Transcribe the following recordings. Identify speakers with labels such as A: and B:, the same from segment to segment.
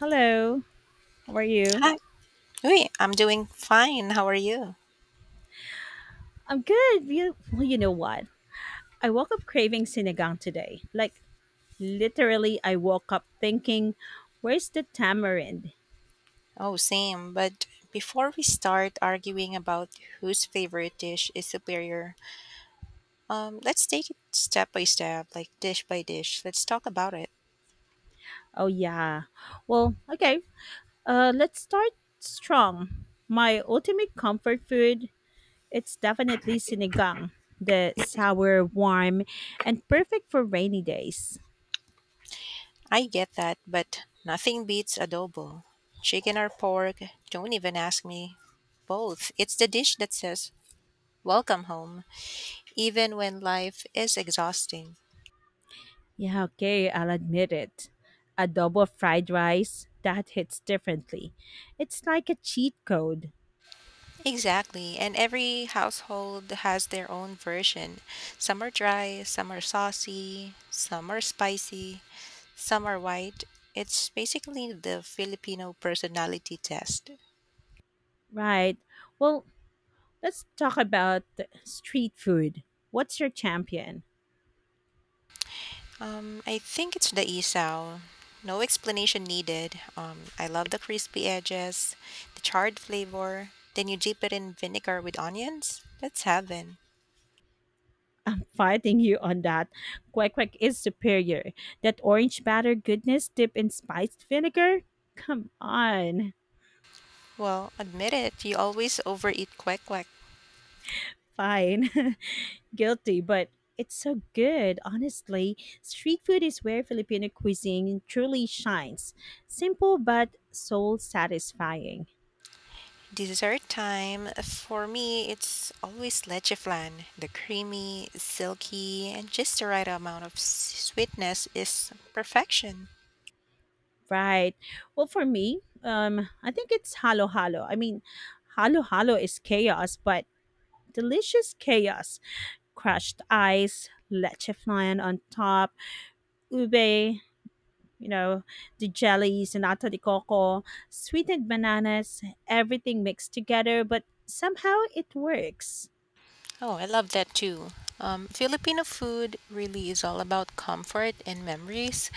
A: Hello, how are you?
B: Hi. Hey, I'm doing fine. How are you?
A: I'm good. You, well, you know what? I woke up craving sinigang today. Like, literally, I woke up thinking, where's the tamarind?
B: Oh, same. But before we start arguing about whose favorite dish is superior, let's take it step by step, like dish by dish. Let's talk about it.
A: Oh, yeah. Well, okay. Let's start strong. My ultimate comfort food, it's definitely sinigang. The sour, warm, and perfect for rainy days.
B: I get that, but nothing beats adobo. Chicken or pork, don't even ask me. Both. It's the dish that says, Welcome home, even when life is exhausting.
A: Yeah, okay, I'll admit it. Adobo fried rice, that hits differently. It's like a cheat code,
B: Exactly. And every household has their own version. Some are dry, some are saucy, some are spicy, some are white. It's basically the Filipino personality test.
A: right? Well, let's talk about the street food. What's your champion?
B: I think it's the isaw. No explanation needed. I love the crispy edges, the charred flavor. Then you dip it in vinegar with onions. That's heaven.
A: I'm fighting you on that. Kwek kwek is superior. That orange batter goodness dipped in spiced vinegar? Come on.
B: Well, admit it, you always overeat kwek.
A: Fine. Guilty, but it's so good. Honestly, street food is where Filipino cuisine truly shines. Simple but soul satisfying.
B: Dessert time, for me, it's always leche flan. The creamy, silky, and just the right amount of sweetness is perfection.
A: Right. Well, for me, I think it's halo halo. I mean, halo halo is chaos, but delicious chaos. Crushed ice, leche flan on top, ube, you know, the jellies, the nata de coco, sweetened bananas, everything mixed together, but somehow it works.
B: Oh, I love that too. Filipino food really is all about comfort and memories.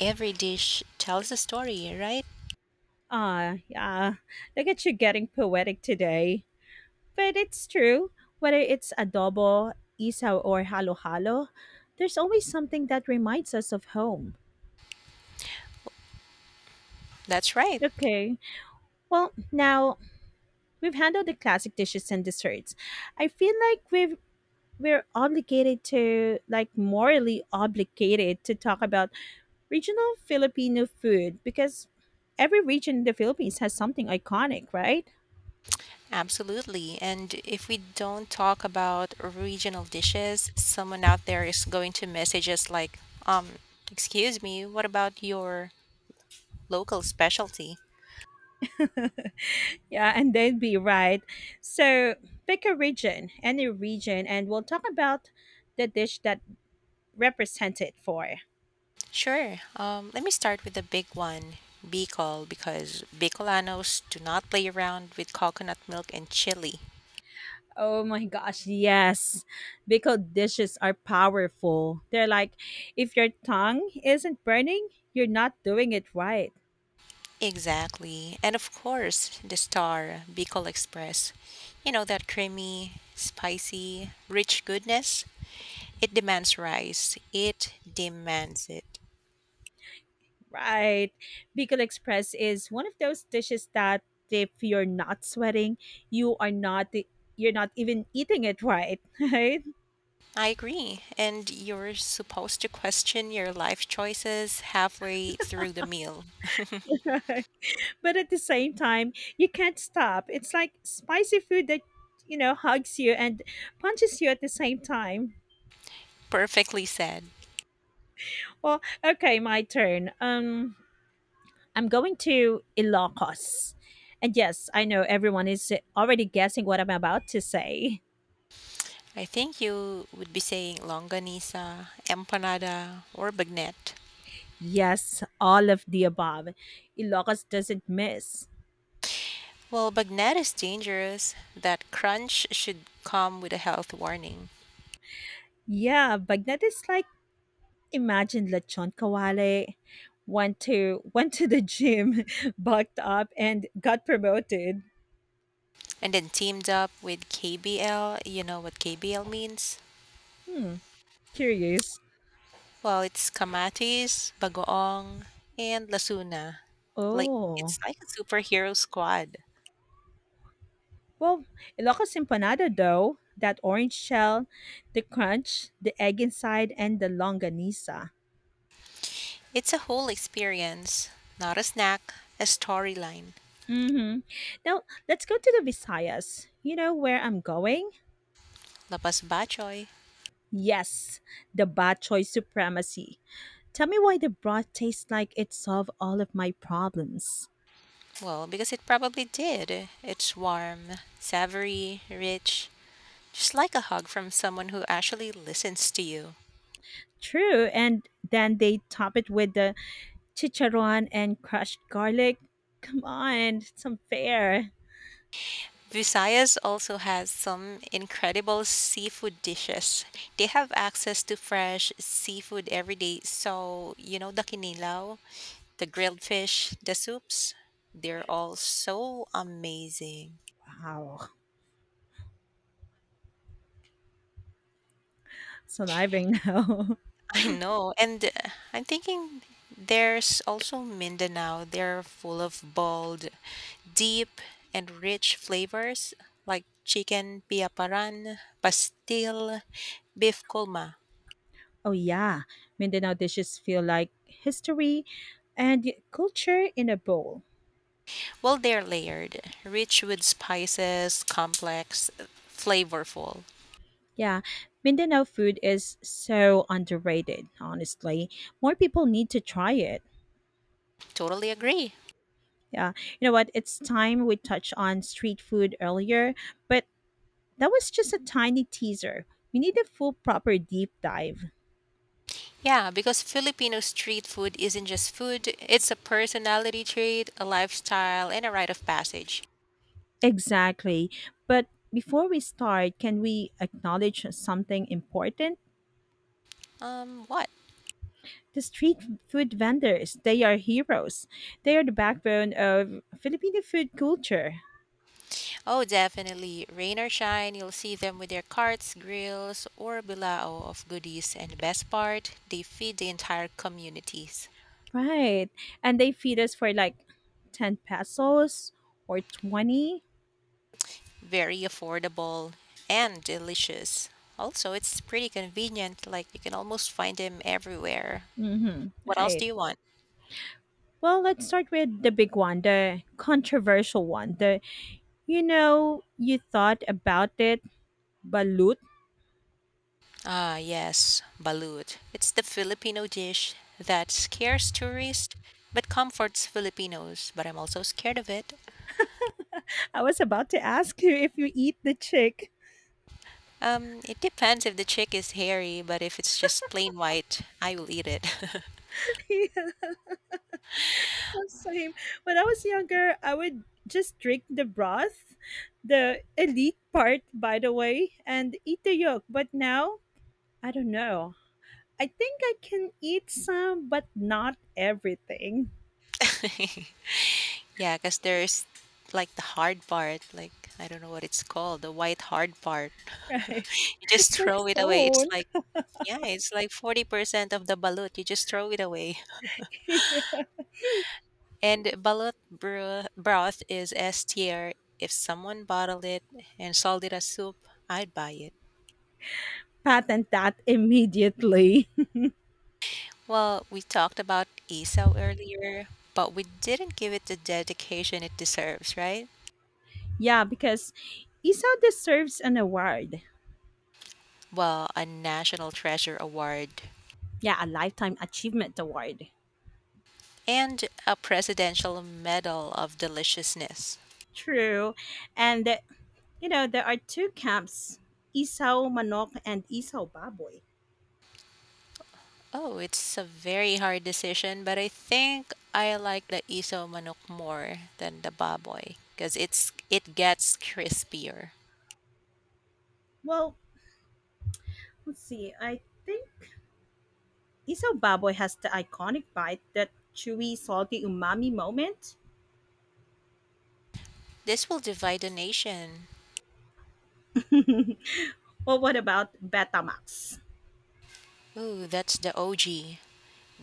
B: Every dish tells a story, right?
A: Ah, yeah. Look at you getting poetic today. But it's true. Whether it's adobo, isaw, or halo-halo, there's always something that reminds us of home.
B: That's right.
A: Okay. Well, now we've handled the classic dishes and desserts. I feel like we're obligated to, like, morally obligated to talk about regional Filipino food, because every region in the Philippines has something iconic, right?
B: Absolutely. And if we don't talk about regional dishes, someone out there is going to message us like, um, excuse me, what about your local specialty?
A: Yeah, and they'd be right. So pick a region, any region, and we'll talk about the dish that represents it for.
B: Sure. Let me start with the big one, Bicol, because Bicolanos do not play around with coconut milk and chili.
A: Oh my gosh, yes. Because dishes are powerful. They're like, if your tongue isn't burning, you're not doing it right.
B: Exactly. And of course, the star, Bicol Express. You know, that creamy, spicy, rich goodness. It demands rice. It demands it.
A: Right. Bicol Express is one of those dishes that if you're not sweating, you are not e, you're not even eating it right, right?
B: I agree. And you're supposed to question your life choices halfway through the meal.
A: But at the same time, you can't stop. It's like spicy food that, you know, hugs you and punches you at the same time.
B: Perfectly said.
A: Well, okay, my turn. I'm going to Ilocos. And yes, I know everyone is already guessing what I'm about to say.
B: I think you would be saying longanisa, empanada, or bagnet.
A: Yes, all of the above. Ilocos doesn't miss.
B: Well, bagnet is dangerous. That crunch should come with a health warning.
A: Yeah, Bagnet is like, imagine lechon kawale went to went to the gym, bucked up, and got promoted.
B: And then teamed up with KBL, you know what KBL means?
A: Hmm, curious.
B: Well, it's Kamatis, Bagoong, and Lasuna. Like
A: Oh,
B: it's like a superhero squad.
A: well, Ilocos empanada though. That orange shell, the crunch, the egg inside, and the longanisa.
B: It's a whole experience, not a snack, a storyline.
A: Mm-hmm. Now let's go to the Visayas. You know where I'm going?
B: Lapas Bachoy.
A: Yes, the bad choice supremacy. Tell me why the broth tastes like it solved all of my problems.
B: Well, because it probably did. It's warm, savory, rich, just like a hug from someone who actually listens to you.
A: True, and then they top it with the chicharron and crushed garlic. Come on, it's unfair.
B: Visayas also has some incredible seafood dishes. They have access to fresh seafood every day. So, you know, the kinilaw, the grilled fish, the soups, they're all so amazing.
A: Wow, surviving now.
B: I know. And I'm thinking there's also Mindanao. They're full of bold, deep, and rich flavors like chicken piaparan, pastil, beef colma.
A: Oh yeah, Mindanao dishes feel like history and culture in a bowl.
B: Well, they're layered, rich with spices, complex, flavorful.
A: Yeah, Mindanao food is so underrated, honestly. More people need to try it.
B: Totally agree.
A: Yeah. You know what? It's time. We touched on street food earlier, but that was just a tiny teaser. We need a full, proper deep dive.
B: Yeah, because Filipino street food isn't just food, it's a personality trait, a lifestyle, and a rite of passage.
A: Exactly. But before we start, can we acknowledge something important?
B: What?
A: The street food vendors, they are heroes. They are the backbone of Filipino food culture.
B: Oh, definitely. Rain or shine, you'll see them with their carts, grills, or bilao of goodies. And the best part, they feed the entire communities.
A: Right. And they feed us for like 10 pesos or 20.
B: Very affordable and delicious. Also, it's pretty convenient, like you can almost find them everywhere.
A: Mm-hmm.
B: What else do
A: Right.
B: you want?
A: Well, let's start with the big one, the controversial one. The You know, you thought about it, balut.
B: Ah, yes, balut. It's the Filipino dish that scares tourists but comforts Filipinos. But I'm also scared of it.
A: I was about to ask you if you eat the chick.
B: It depends if the chick is hairy, but if it's just plain white, I will eat it.
A: Yeah, same. When I was younger, I would just drink the broth, the elite part, by the way, and eat the yolk. But now, I don't know. I think I can eat some, but not everything.
B: Yeah, because there's like the hard part, like I don't know what it's called, the white hard part.
A: Right?
B: You just
A: It's like
B: throw it away. It's
A: stone.
B: like, yeah, it's like 40% of the balut. You just throw it away. And balut broth is S tier. If someone bottled it and sold it as soup, I'd buy it.
A: Patent that immediately.
B: Well, we talked about Esau earlier, but we didn't give it the dedication it deserves, right?
A: Yeah, because Isa deserves an award.
B: Well, a National Treasure Award
A: Yeah, a lifetime achievement award.
B: and a Presidential Medal of Deliciousness.
A: True. And there are two camps, Isaw Manok and Isaw Baboy.
B: Oh, it's a very hard decision, but I think I like the iso manok more than the baboy because it gets crispier.
A: Well, let's see. I think Isaw Baboy has the iconic bite, that chewy, salty umami moment.
B: This will divide the nation.
A: Well, what about Betamax?
B: Ooh, that's the OG.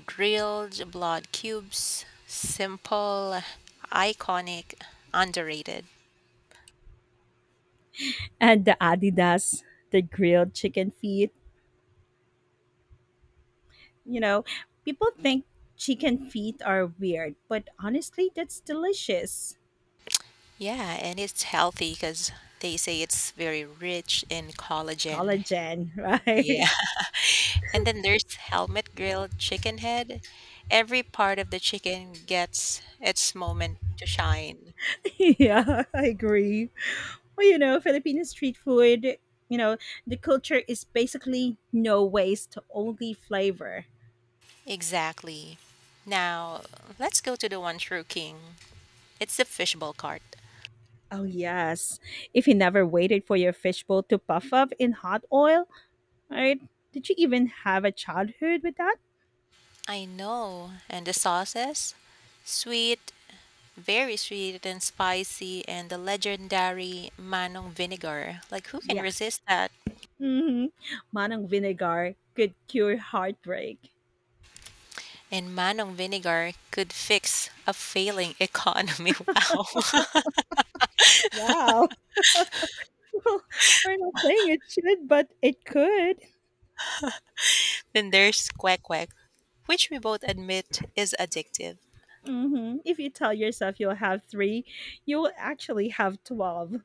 B: Grilled blood cubes, simple, iconic, underrated.
A: And the Adidas, the grilled chicken feet. You know, people think chicken feet are weird, but honestly, that's delicious.
B: Yeah, and it's healthy because they say it's very rich in collagen.
A: Collagen, right?
B: Yeah. And then there's helmet grilled chicken head. Every part of the chicken gets its moment to shine.
A: Yeah, I agree. Well, you know, Filipino street food, you know, the culture is basically no waste, only flavor.
B: Exactly. Now, let's go to the one true king. It's the fishbowl cart.
A: Oh, yes. If you never waited for your fishbowl to puff up in hot oil, right? Did you even have a childhood with that?
B: I know. And the sauces? Sweet, very sweet and spicy, and the legendary Manong vinegar. Like, who can
A: Yes.
B: resist that?
A: Mhm. Manang vinegar could cure heartbreak.
B: And Manong Vinegar could fix a failing economy. Wow.
A: Wow. We're not saying it should, but it could.
B: then there's Quack Quack, which we both admit is addictive.
A: Mhm. If you tell yourself you'll have three, you'll actually have 12.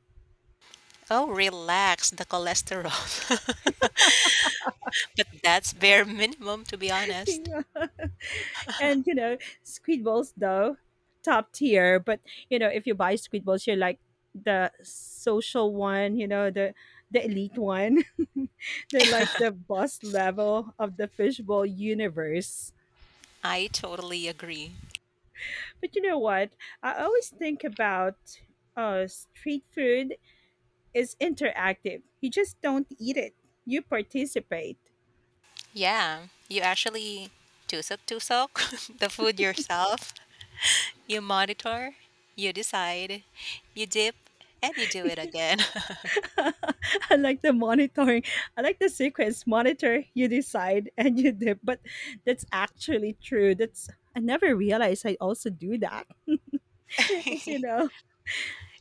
B: Oh, relax the cholesterol. but that's bare minimum, to be honest.
A: Yeah. And you know, Squidballs though, top tier. But you know, if you buy Squidballs, you're like the social one. You know, the elite one. They're like the boss level of the fishbowl universe.
B: I totally agree.
A: But you know what? I always think about, street food is interactive. You just don't eat it. You participate.
B: Yeah, you actually tusok tusok the food yourself. You monitor, you decide, you dip, and you do it again.
A: I like the monitoring. I like the sequence. Monitor, you decide, and you dip. But that's actually true. That's I never realized I also do that. It's You know,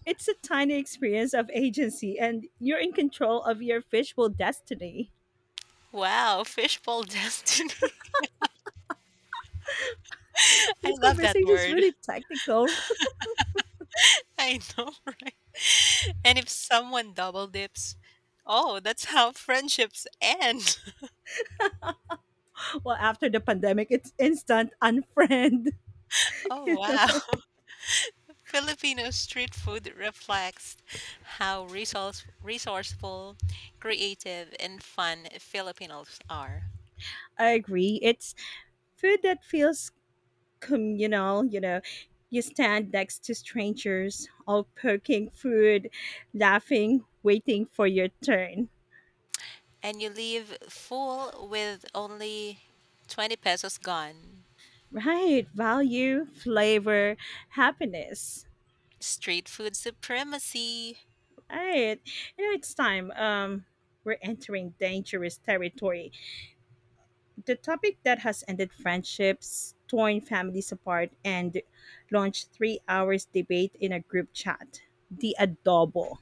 A: it's a tiny experience of agency, and you're in control of your fishbowl destiny.
B: wow, fishbowl destiny. I
A: This
B: love that
A: conversation is
B: word.
A: really technical.
B: I know, right? And if someone double dips, oh, that's how friendships end.
A: Well, after the pandemic, it's instant unfriend.
B: Oh, wow. Filipino street food reflects how resourceful, creative, and fun Filipinos are.
A: I agree. It's food that feels communal, you know. You stand next to strangers, all poking food, laughing, waiting for your turn.
B: And you leave full with only 20 pesos gone.
A: Right, value, flavor, happiness.
B: Street food supremacy.
A: Right. You know, it's time. We're entering dangerous territory. The topic that has ended friendships, torn families apart, and launched 3 hours debate in a group chat. The adobo.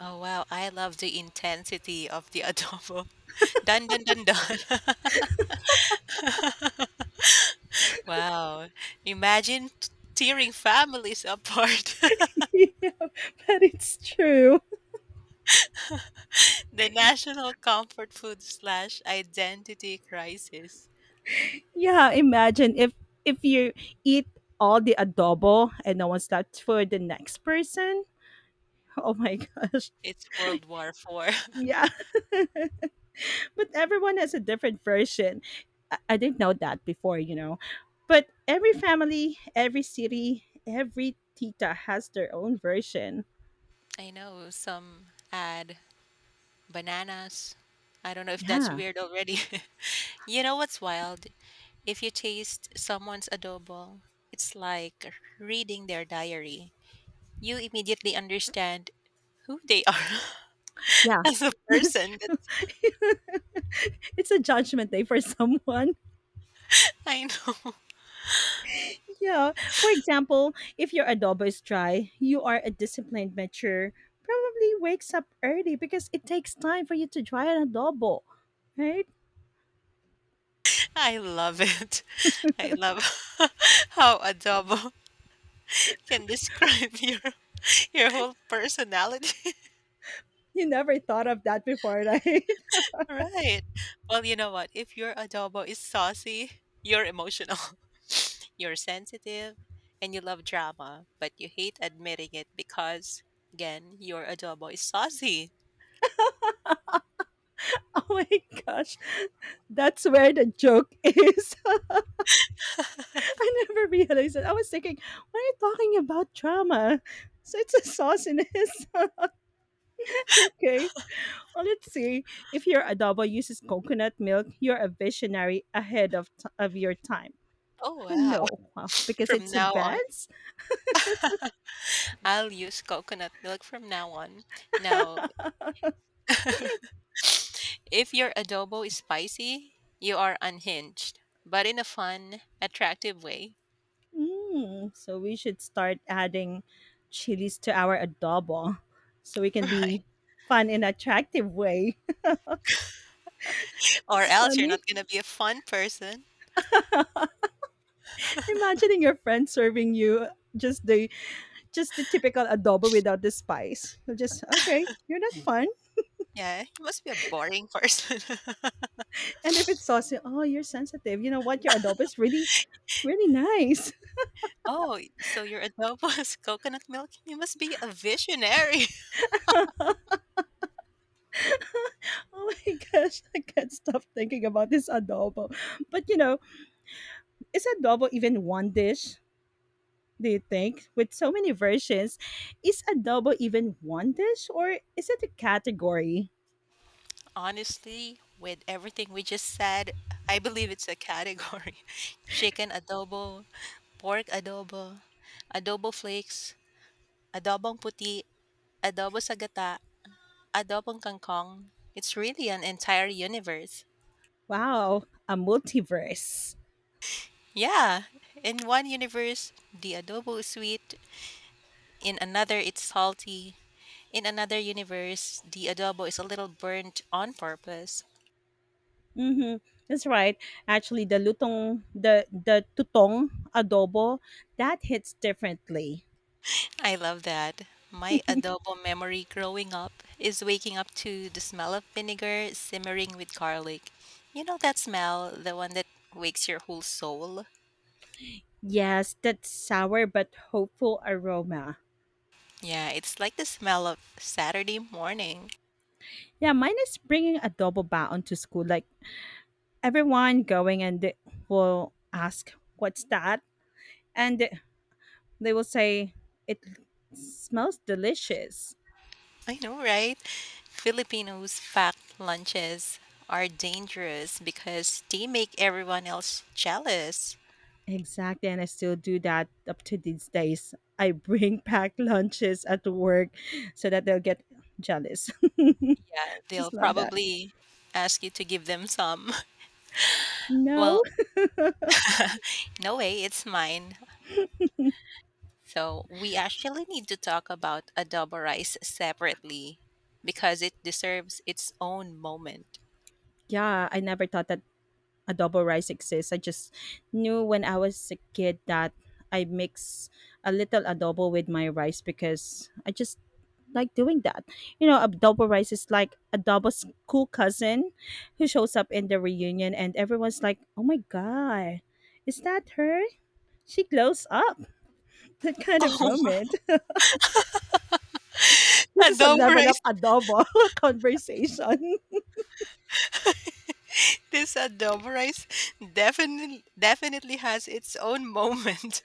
B: Oh, wow. I love the intensity of the adobo. Dun, dun, dun, dun. Wow. Imagine tearing families apart.
A: Yeah, but it's true.
B: the national comfort food slash identity crisis.
A: Yeah, imagine if you eat all the adobo and no one's left for the next person. Oh my gosh.
B: It's World War Four.
A: Yeah. But everyone has a different version. I didn't know that before, you know. But every family, every city, every tita has their own version.
B: I know some add bananas. I don't know if that's
A: Yeah.
B: weird already. you know what's wild? If you taste someone's adobo, it's like reading their diary. You immediately understand who they are
A: Yeah.
B: as a
A: That's
B: person.
A: true. It's a judgment day for someone.
B: I know.
A: Yeah. For example, if your adobo is dry, you are a disciplined mature, probably wakes up early because it takes time for you to dry an adobo, right?
B: I love it. I love how adobo can describe your your whole personality.
A: You never thought of that before, right?
B: Right. Well, you know what? If your adobo is saucy, you're emotional. You're sensitive and you love drama, but you hate admitting it because again, your adobo is saucy.
A: Oh my gosh. That's where the joke is. I never realized it. I was thinking, why are you talking about drama? So it's a sauciness. Okay. Well, let's see. If your adobo uses coconut milk, you're a visionary ahead of, your time.
B: Oh wow.
A: No, wow, because
B: From
A: it's
B: now on,
A: advanced.
B: I'll use coconut milk from now on. Now If your adobo is spicy, you are unhinged, but in a fun, attractive way.
A: Mm, so we should start adding chilies to our adobo, so we can
B: Right.
A: be fun in attractive way.
B: Or
A: It's
B: else you're
A: funny
B: not going to be a fun person.
A: imagining your friend serving you just the just the typical adobo without the spice. So just okay, you're not fun.
B: Yeah, you must be a boring person.
A: And if it's saucy, oh, you're sensitive. You know what? Your adobo is really, really nice.
B: oh, so your adobo is coconut milk? You must be a visionary.
A: Oh my gosh, I can't stop thinking about this adobo. But you know, is adobo even one dish, do you think, with so many versions? Is adobo even one dish or is it a category?
B: Honestly, with everything we just said, I believe it's a category chicken adobo, pork adobo, adobo flakes, adobong puti, adobo sagata, Adobong Kangkong, it's really an entire universe.
A: Wow, a multiverse.
B: Yeah, in one universe, the adobo is sweet, in another, it's salty. In another universe, the adobo is a little burnt on purpose.
A: Mm-hmm. That's right. Actually, the lutong, the tutong adobo, that hits differently.
B: I love that. My adobo memory growing up is waking up to the smell of vinegar simmering with garlic. You know that smell, the one that wakes your whole soul?
A: Yes, that sour but hopeful aroma.
B: Yeah, it's like the smell of Saturday morning.
A: Yeah, mine is bringing adobo baon to school. Like, everyone going and they will ask, "What's that?" And they will say, it smells delicious.
B: I know, right? Filipinos packed lunches are dangerous because they make everyone else jealous.
A: Exactly. And I still do that up to these days. I bring packed lunches at work so that they'll get jealous.
B: Yeah, they'll
A: Just love that.
B: probably ask you to give them some.
A: No.
B: Well, no way, it's mine. So, we actually need to talk about adobo rice separately because it deserves its own moment.
A: Yeah, I never thought that adobo rice exists. I just knew when I was a kid that I mix a little adobo with my rice, because I just like doing that. You know, Adobo rice is like Adobo's cool cousin who shows up in the reunion, and everyone's like, oh my God, is that her? She glows up. That kind of
B: Oh,
A: moment. This is a
B: adobo
A: level
B: rice.
A: up adobo conversation.
B: This adobo rice definitely has its own moment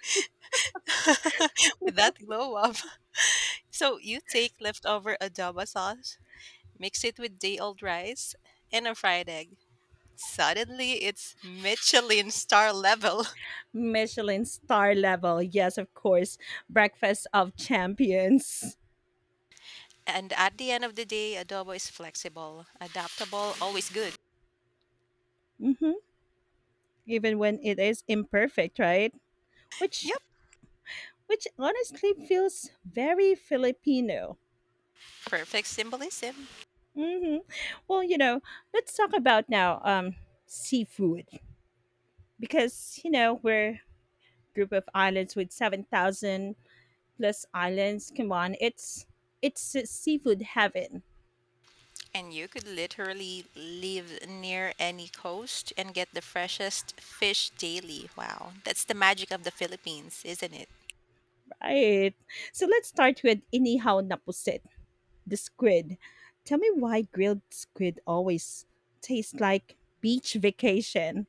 B: with that glow up. So you take leftover adobo sauce, mix it with day-old rice, and a fried egg. Suddenly, it's Michelin star level.
A: Michelin star level. Yes, of course. Breakfast of champions.
B: And at the end of the day, adobo is flexible, adaptable, always good.
A: Hmm. Even when it is imperfect, right? Which
B: Yep,
A: which honestly feels very Filipino.
B: perfect symbolism.
A: Hmm. Well, you know, let's talk about now, seafood, because you know we're a group of islands with 7,000 plus islands. Come on, it's a seafood heaven,
B: And you could literally live near any coast and get the freshest fish daily. Wow, that's the magic of the Philippines, isn't it?
A: right? So let's start with inihaw na pusit, the squid. Tell me why grilled squid always tastes like beach vacation.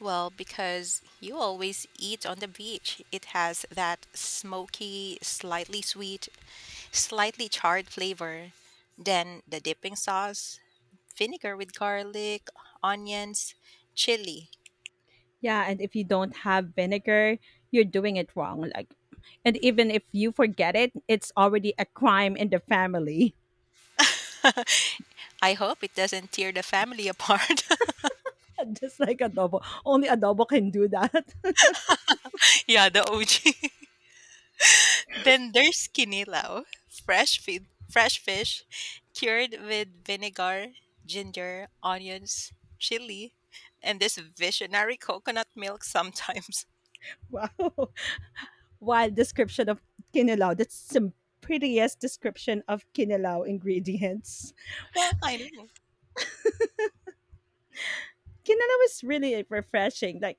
B: Well, because you always eat on the beach. It has that smoky, slightly sweet, slightly charred flavor. Then the dipping sauce, vinegar with garlic, onions, chili.
A: Yeah, and if you don't have vinegar, you're doing it wrong. Like, and even if you forget it, it's already a crime in the family.
B: I hope it doesn't tear the family apart.
A: Just like adobo, only adobo can do that.
B: yeah, the OG. Then there's kinilaw, fresh fish, cured with vinegar, ginger, onions, chili, and this visionary coconut milk sometimes.
A: Wow, wild description of kinilaw. That's some prettiest description of kinilaw ingredients. Well,
B: I know.
A: kinilaw is really refreshing. Like,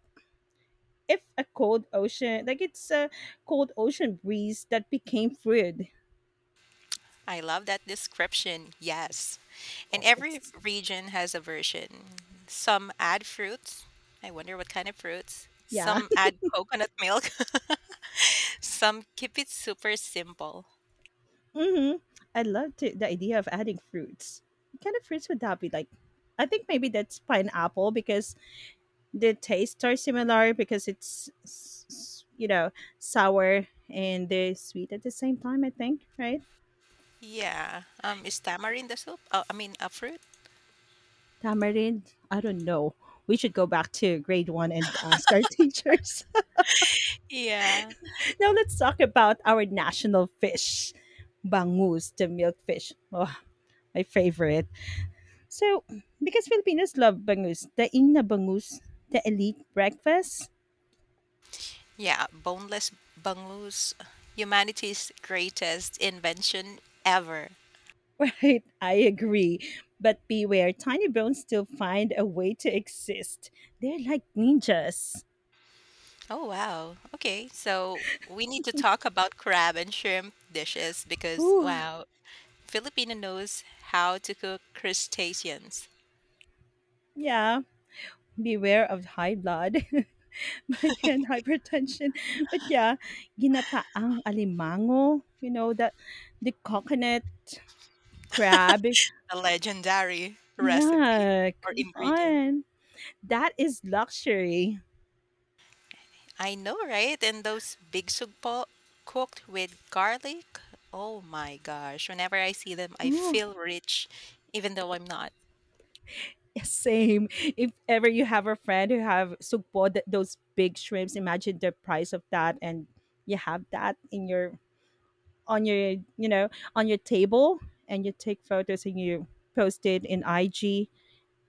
A: if a cold ocean, like, it's a cold ocean breeze that became food.
B: I love that description. Yes.
A: Of
B: And every
A: course,
B: region has a version. Some add fruits. I wonder what kind of fruits.
A: yeah.
B: Some add coconut milk. Some keep it super simple.
A: Hmm. I love the idea of adding fruits. What kind of fruits would that be like? I think maybe that's pineapple because the tastes are similar, because you know, sour and the sweet at the same time, I think, right?
B: Yeah. Is tamarind a soup? Oh, I mean, a fruit?
A: Tamarind. I don't know. We should go back to grade one and ask our teachers.
B: Yeah.
A: Now let's talk about our national fish, bangus, the milkfish. Oh, my favorite. So, because Filipinos love bangus, the in na bangus, the elite breakfast,
B: Yeah, boneless bangus, humanity's greatest invention ever.
A: right? I agree. But beware, tiny bones still find a way to exist. They're like ninjas.
B: Oh, wow. Okay, so we need to talk about crab and shrimp dishes because,
A: Whew.
B: wow, Filipino knows how to cook crustaceans,
A: Yeah, beware of high blood, but yeah, and hypertension. But yeah, ginataang alimango, the coconut crab.
B: a legendary recipe
A: Yeah,
B: or
A: come
B: ingredient.
A: on. That is luxury.
B: I know, right? And those big sugpo cooked with garlic. Oh my gosh, whenever I see them, I
A: Ooh.
B: feel rich, even though I'm not.
A: Same. If ever you have a friend who have sugpo, those big shrimps, imagine the price of that, and you have that in your on your on your table, and you take photos and you post it in IG.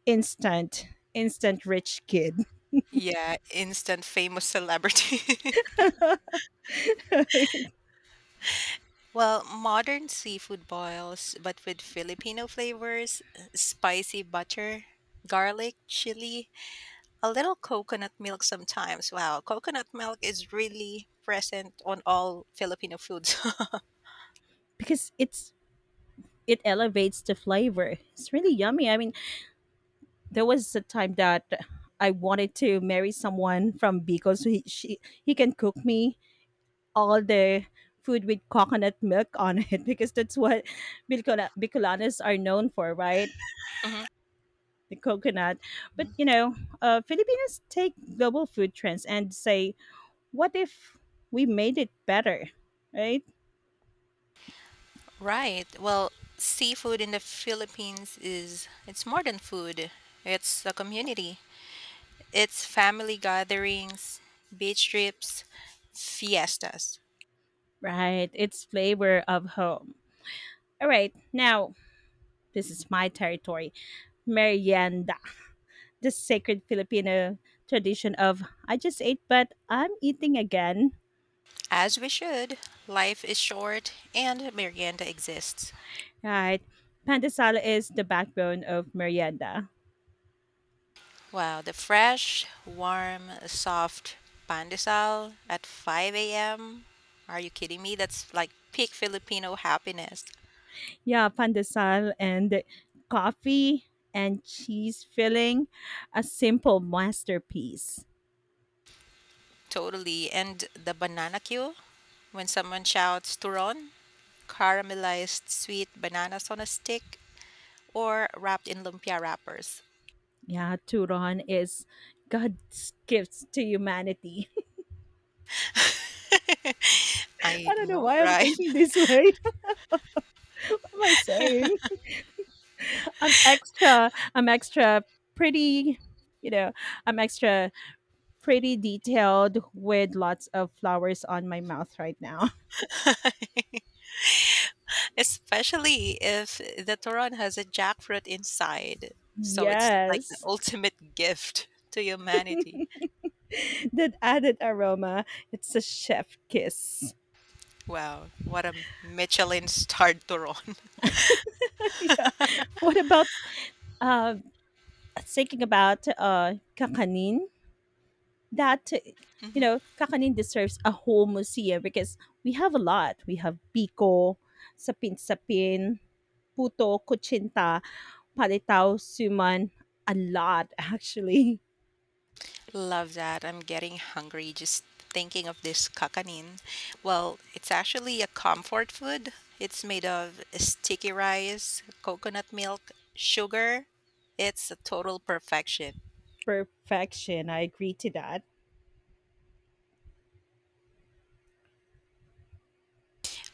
A: Instant, instant rich kid,
B: Yeah, instant famous celebrity. well, modern seafood boils, but with Filipino flavors, spicy butter, garlic, chili, a little coconut milk sometimes. Wow, coconut milk is really present on all Filipino foods.
A: because it elevates the flavor. It's really yummy. I mean, there was a time that I wanted to marry someone from Bicol, so he she, he can cook me all the food with coconut milk on it because that's what Bicolanos are known for, right?
B: Mhm.
A: The coconut. But
B: Mhm.
A: you know, Filipinos take global food trends and say, what if we made it better, right?
B: Right. Well, seafood in the Philippines is it's more than food. It's a community. It's family gatherings, beach trips, fiestas.
A: Right. It's flavor of home. All right. Now, this is my territory. Merienda. This sacred Filipino tradition of I just ate, but I'm eating again.
B: As we should. Life is short and merienda exists.
A: Right. Pandesal is the backbone of merienda.
B: Wow, the fresh, warm, soft pandesal at 5 a.m. Are you kidding me? That's like peak Filipino happiness.
A: Yeah, pandesal and coffee and cheese filling, a simple masterpiece.
B: Totally. And the banana queue when someone shouts turon, caramelized sweet bananas on a stick, or wrapped in lumpia wrappers.
A: Yeah, Turon is God's gifts to humanity.
B: I
A: I don't know
B: know,
A: why I'm
B: right?
A: thinking this way. What am I saying? I'm extra. I'm extra pretty. You know, I'm extra pretty detailed with lots of flowers on my mouth right now.
B: Especially if the turon has a jackfruit inside. So it's like the
A: Yes.
B: ultimate gift to humanity.
A: That added aroma. It's a chef kiss.
B: Wow, what a Michelin starred turon.
A: Yeah. What about uh, thinking about kakanin? That You
B: Mhm.
A: know, kakanin deserves a whole museum because we have a lot. We have biko, sapin sapin, puto, kuchinta, palitaw, suman. A lot actually.
B: Love that. I'm getting hungry just thinking of this kakanin. Well, it's actually a comfort food. It's made of sticky rice, coconut milk, sugar. It's a total perfection.
A: Perfection. I agree to that.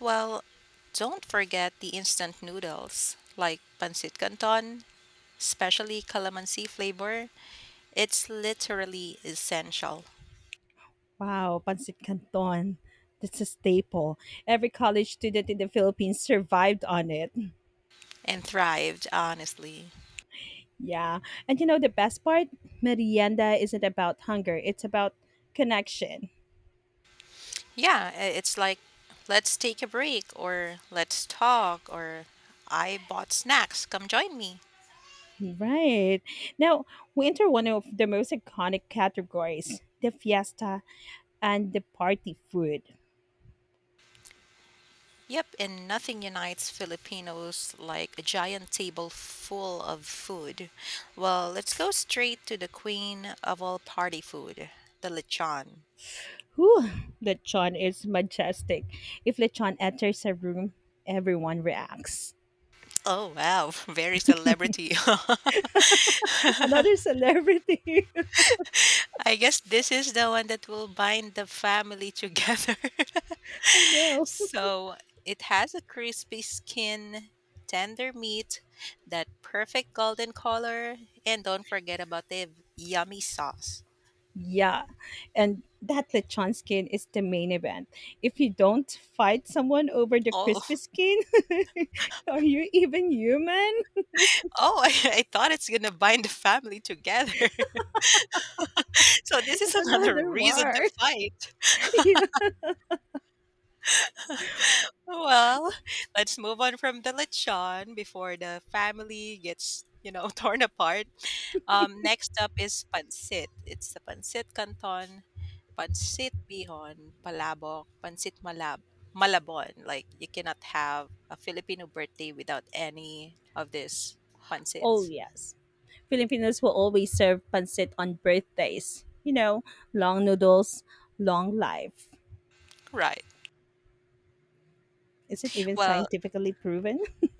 B: Well, don't forget the instant noodles like pancit canton, especially calamansi flavor, it's literally essential
A: Wow, pancit canton. That's a staple. Every college student in the Philippines survived on it.
B: and thrived honestly.
A: Yeah. And you know the best part? Merienda isn't about hunger, it's about connection.
B: Yeah, it's like let's take a break or let's talk or I bought snacks, come join me.
A: Right. Now, we enter one of the most iconic categories, the fiesta and the party food.
B: Yep, and nothing unites Filipinos like a giant table full of food. Well, let's go straight to the queen of all party food, the lechon.
A: Whew, lechon is majestic. If lechon enters a room, everyone reacts.
B: Oh wow, very celebrity.
A: Another celebrity.
B: I guess this is the one that will bind the family together.
A: I know.
B: so it has a crispy skin, tender meat, that perfect golden color, and don't forget about the yummy sauce.
A: Yeah, and that lechon skin is the main event. If you don't fight someone over the
B: Oh,
A: crispy skin, are you even human?
B: oh! I thought it's gonna bind the family together. so this is
A: It's
B: another
A: another
B: reason to
A: war.
B: fight.
A: Yeah.
B: Well, let's move on from the lechon before the family gets, you know, torn apart. Next up is pancit. It's the pancit canton, pancit bihon, palabok, malabon. Like you cannot have a Filipino birthday without any of these
A: Oh,
B: pancits.
A: yes. Filipinos will always serve pancit on birthdays. You know, long noodles, long life.
B: Right.
A: Is it even
B: Well,
A: scientifically proven?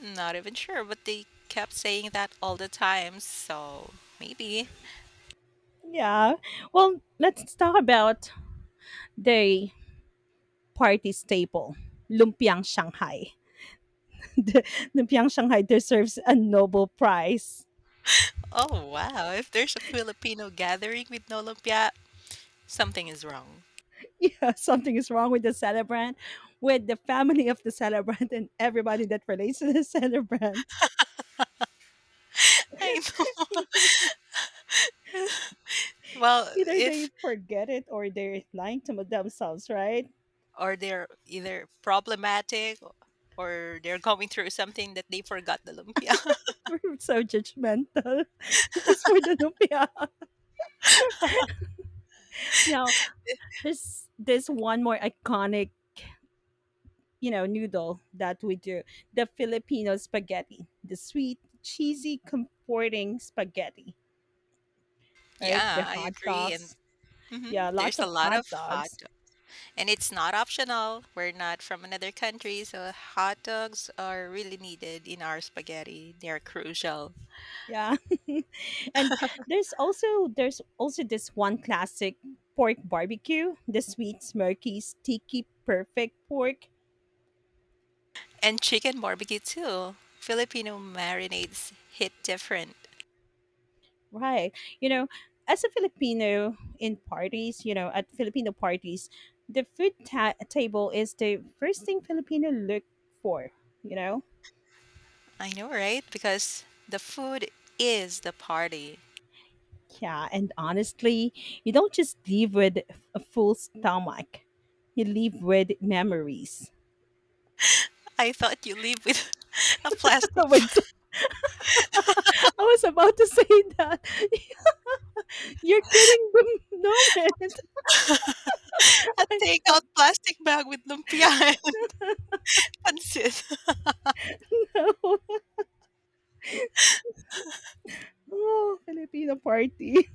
B: not even sure, but they kept saying that all the time. So maybe.
A: Yeah. Well, let's talk about the party staple, lumpiang Shanghai. the, the Pyongyang Shanghai deserves a Nobel Prize.
B: Oh wow! If there's a Filipino gathering with no lumpia, something is wrong.
A: Yeah, something is wrong with the celebrant, with the family of the celebrant, and everybody that relates to the celebrant.
B: I know. Well,
A: Either they
B: if
A: forget it or they're lying to themselves, right?
B: or they're either problematic or they're going through something that they forgot the lumpia.
A: We're so judgmental just for the lumpia. Now, there's this one more iconic, you know, noodle that we do, the Filipino spaghetti, the sweet, cheesy, comforting spaghetti, right? The
B: yeah, I
A: hot
B: agree. And
A: dogs,
B: mhm,
A: yeah, lots
B: there's a
A: of
B: lot
A: hot
B: of hot
A: dogs,
B: dog. And it's not optional. We're not from another country, so hot dogs are really needed in our spaghetti. They're crucial.
A: yeah. And there's also this one classic pork barbecue, the sweet smoky sticky perfect pork,
B: And chicken barbecue too. Filipino marinades hit different.
A: right? You know, as a Filipino in parties, you know, at Filipino parties, the food table is the first thing Filipino look for, you know.
B: I know, right? Because the food is the party.
A: Yeah, and honestly, you don't just leave with a full stomach, you leave with memories.
B: I thought you live with a plastic
A: With, I was about to say that. You're kidding the moment.
B: A
A: I
B: takeout
A: don't
B: plastic bag with lumpia and pansit.
A: know. Oh, Filipino party.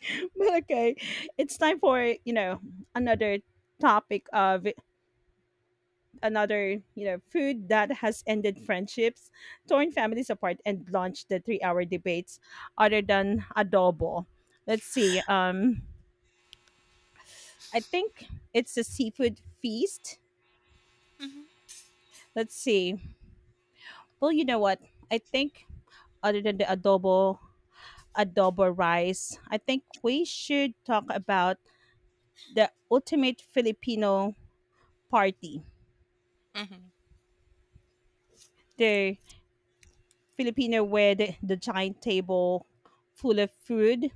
A: But okay, it's time for, you know, another topic of another, you know, food that has ended friendships, torn families apart, and launched the 3-hour debates other than adobo. Let's see. I think it's the seafood feast.
B: Mhm,
A: Let's see. Well, you know what? I think other than the adobo, adobo rice, I think we should talk about the ultimate Filipino party.
B: mhm,
A: The Filipino with the giant table full of food.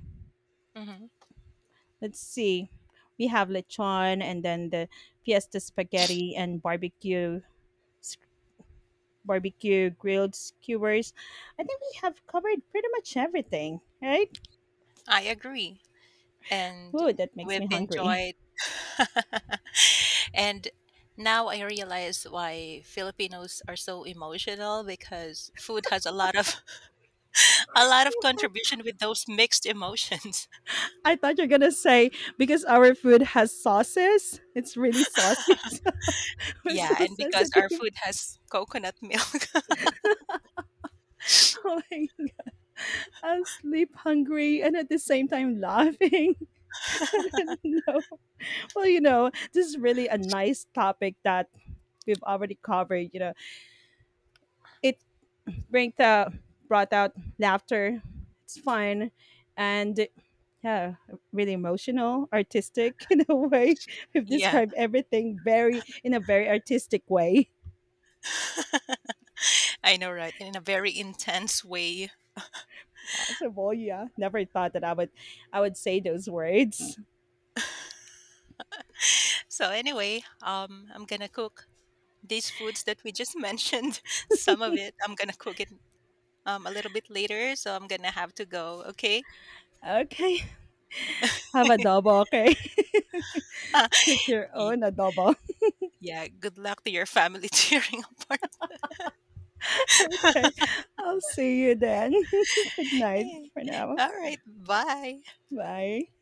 B: mhm.
A: Let's see. We have lechon and then the fiesta spaghetti and barbecue s- barbecue grilled skewers. I think we have covered pretty much everything, right?
B: I agree. And
A: Whoa, that makes
B: we've
A: me hungry.
B: enjoyed. and now I realize why Filipinos are so emotional because food has a lot of a lot of contribution with those mixed emotions.
A: I thought you're gonna say because our food has sauces, it's really sauces. We're so
B: Yeah, and because our
A: sensitive,
B: food has coconut milk.
A: like sleep hungry, and at the same time laughing. And I don't know. Well, you know, this is really a nice topic that we've already covered. You know, it bring the, brought out laughter. It's fun, and yeah, really emotional, artistic in a way. We've
B: yeah,
A: described everything very in a very artistic way
B: I know, right? In a very intense way.
A: possible. Yeah, never thought that I would say those words.
B: So anyway, I'm gonna cook these foods that we just mentioned, some of it, I'm gonna cook it a little bit later, so I'm gonna have to go. Okay.
A: Okay. Have adobo, okay. Cook your
B: Y-
A: own adobo.
B: yeah. Good luck to your family cheering a.
A: Okay. I'll see you then. Good night for now.
B: All right. Bye.
A: Bye.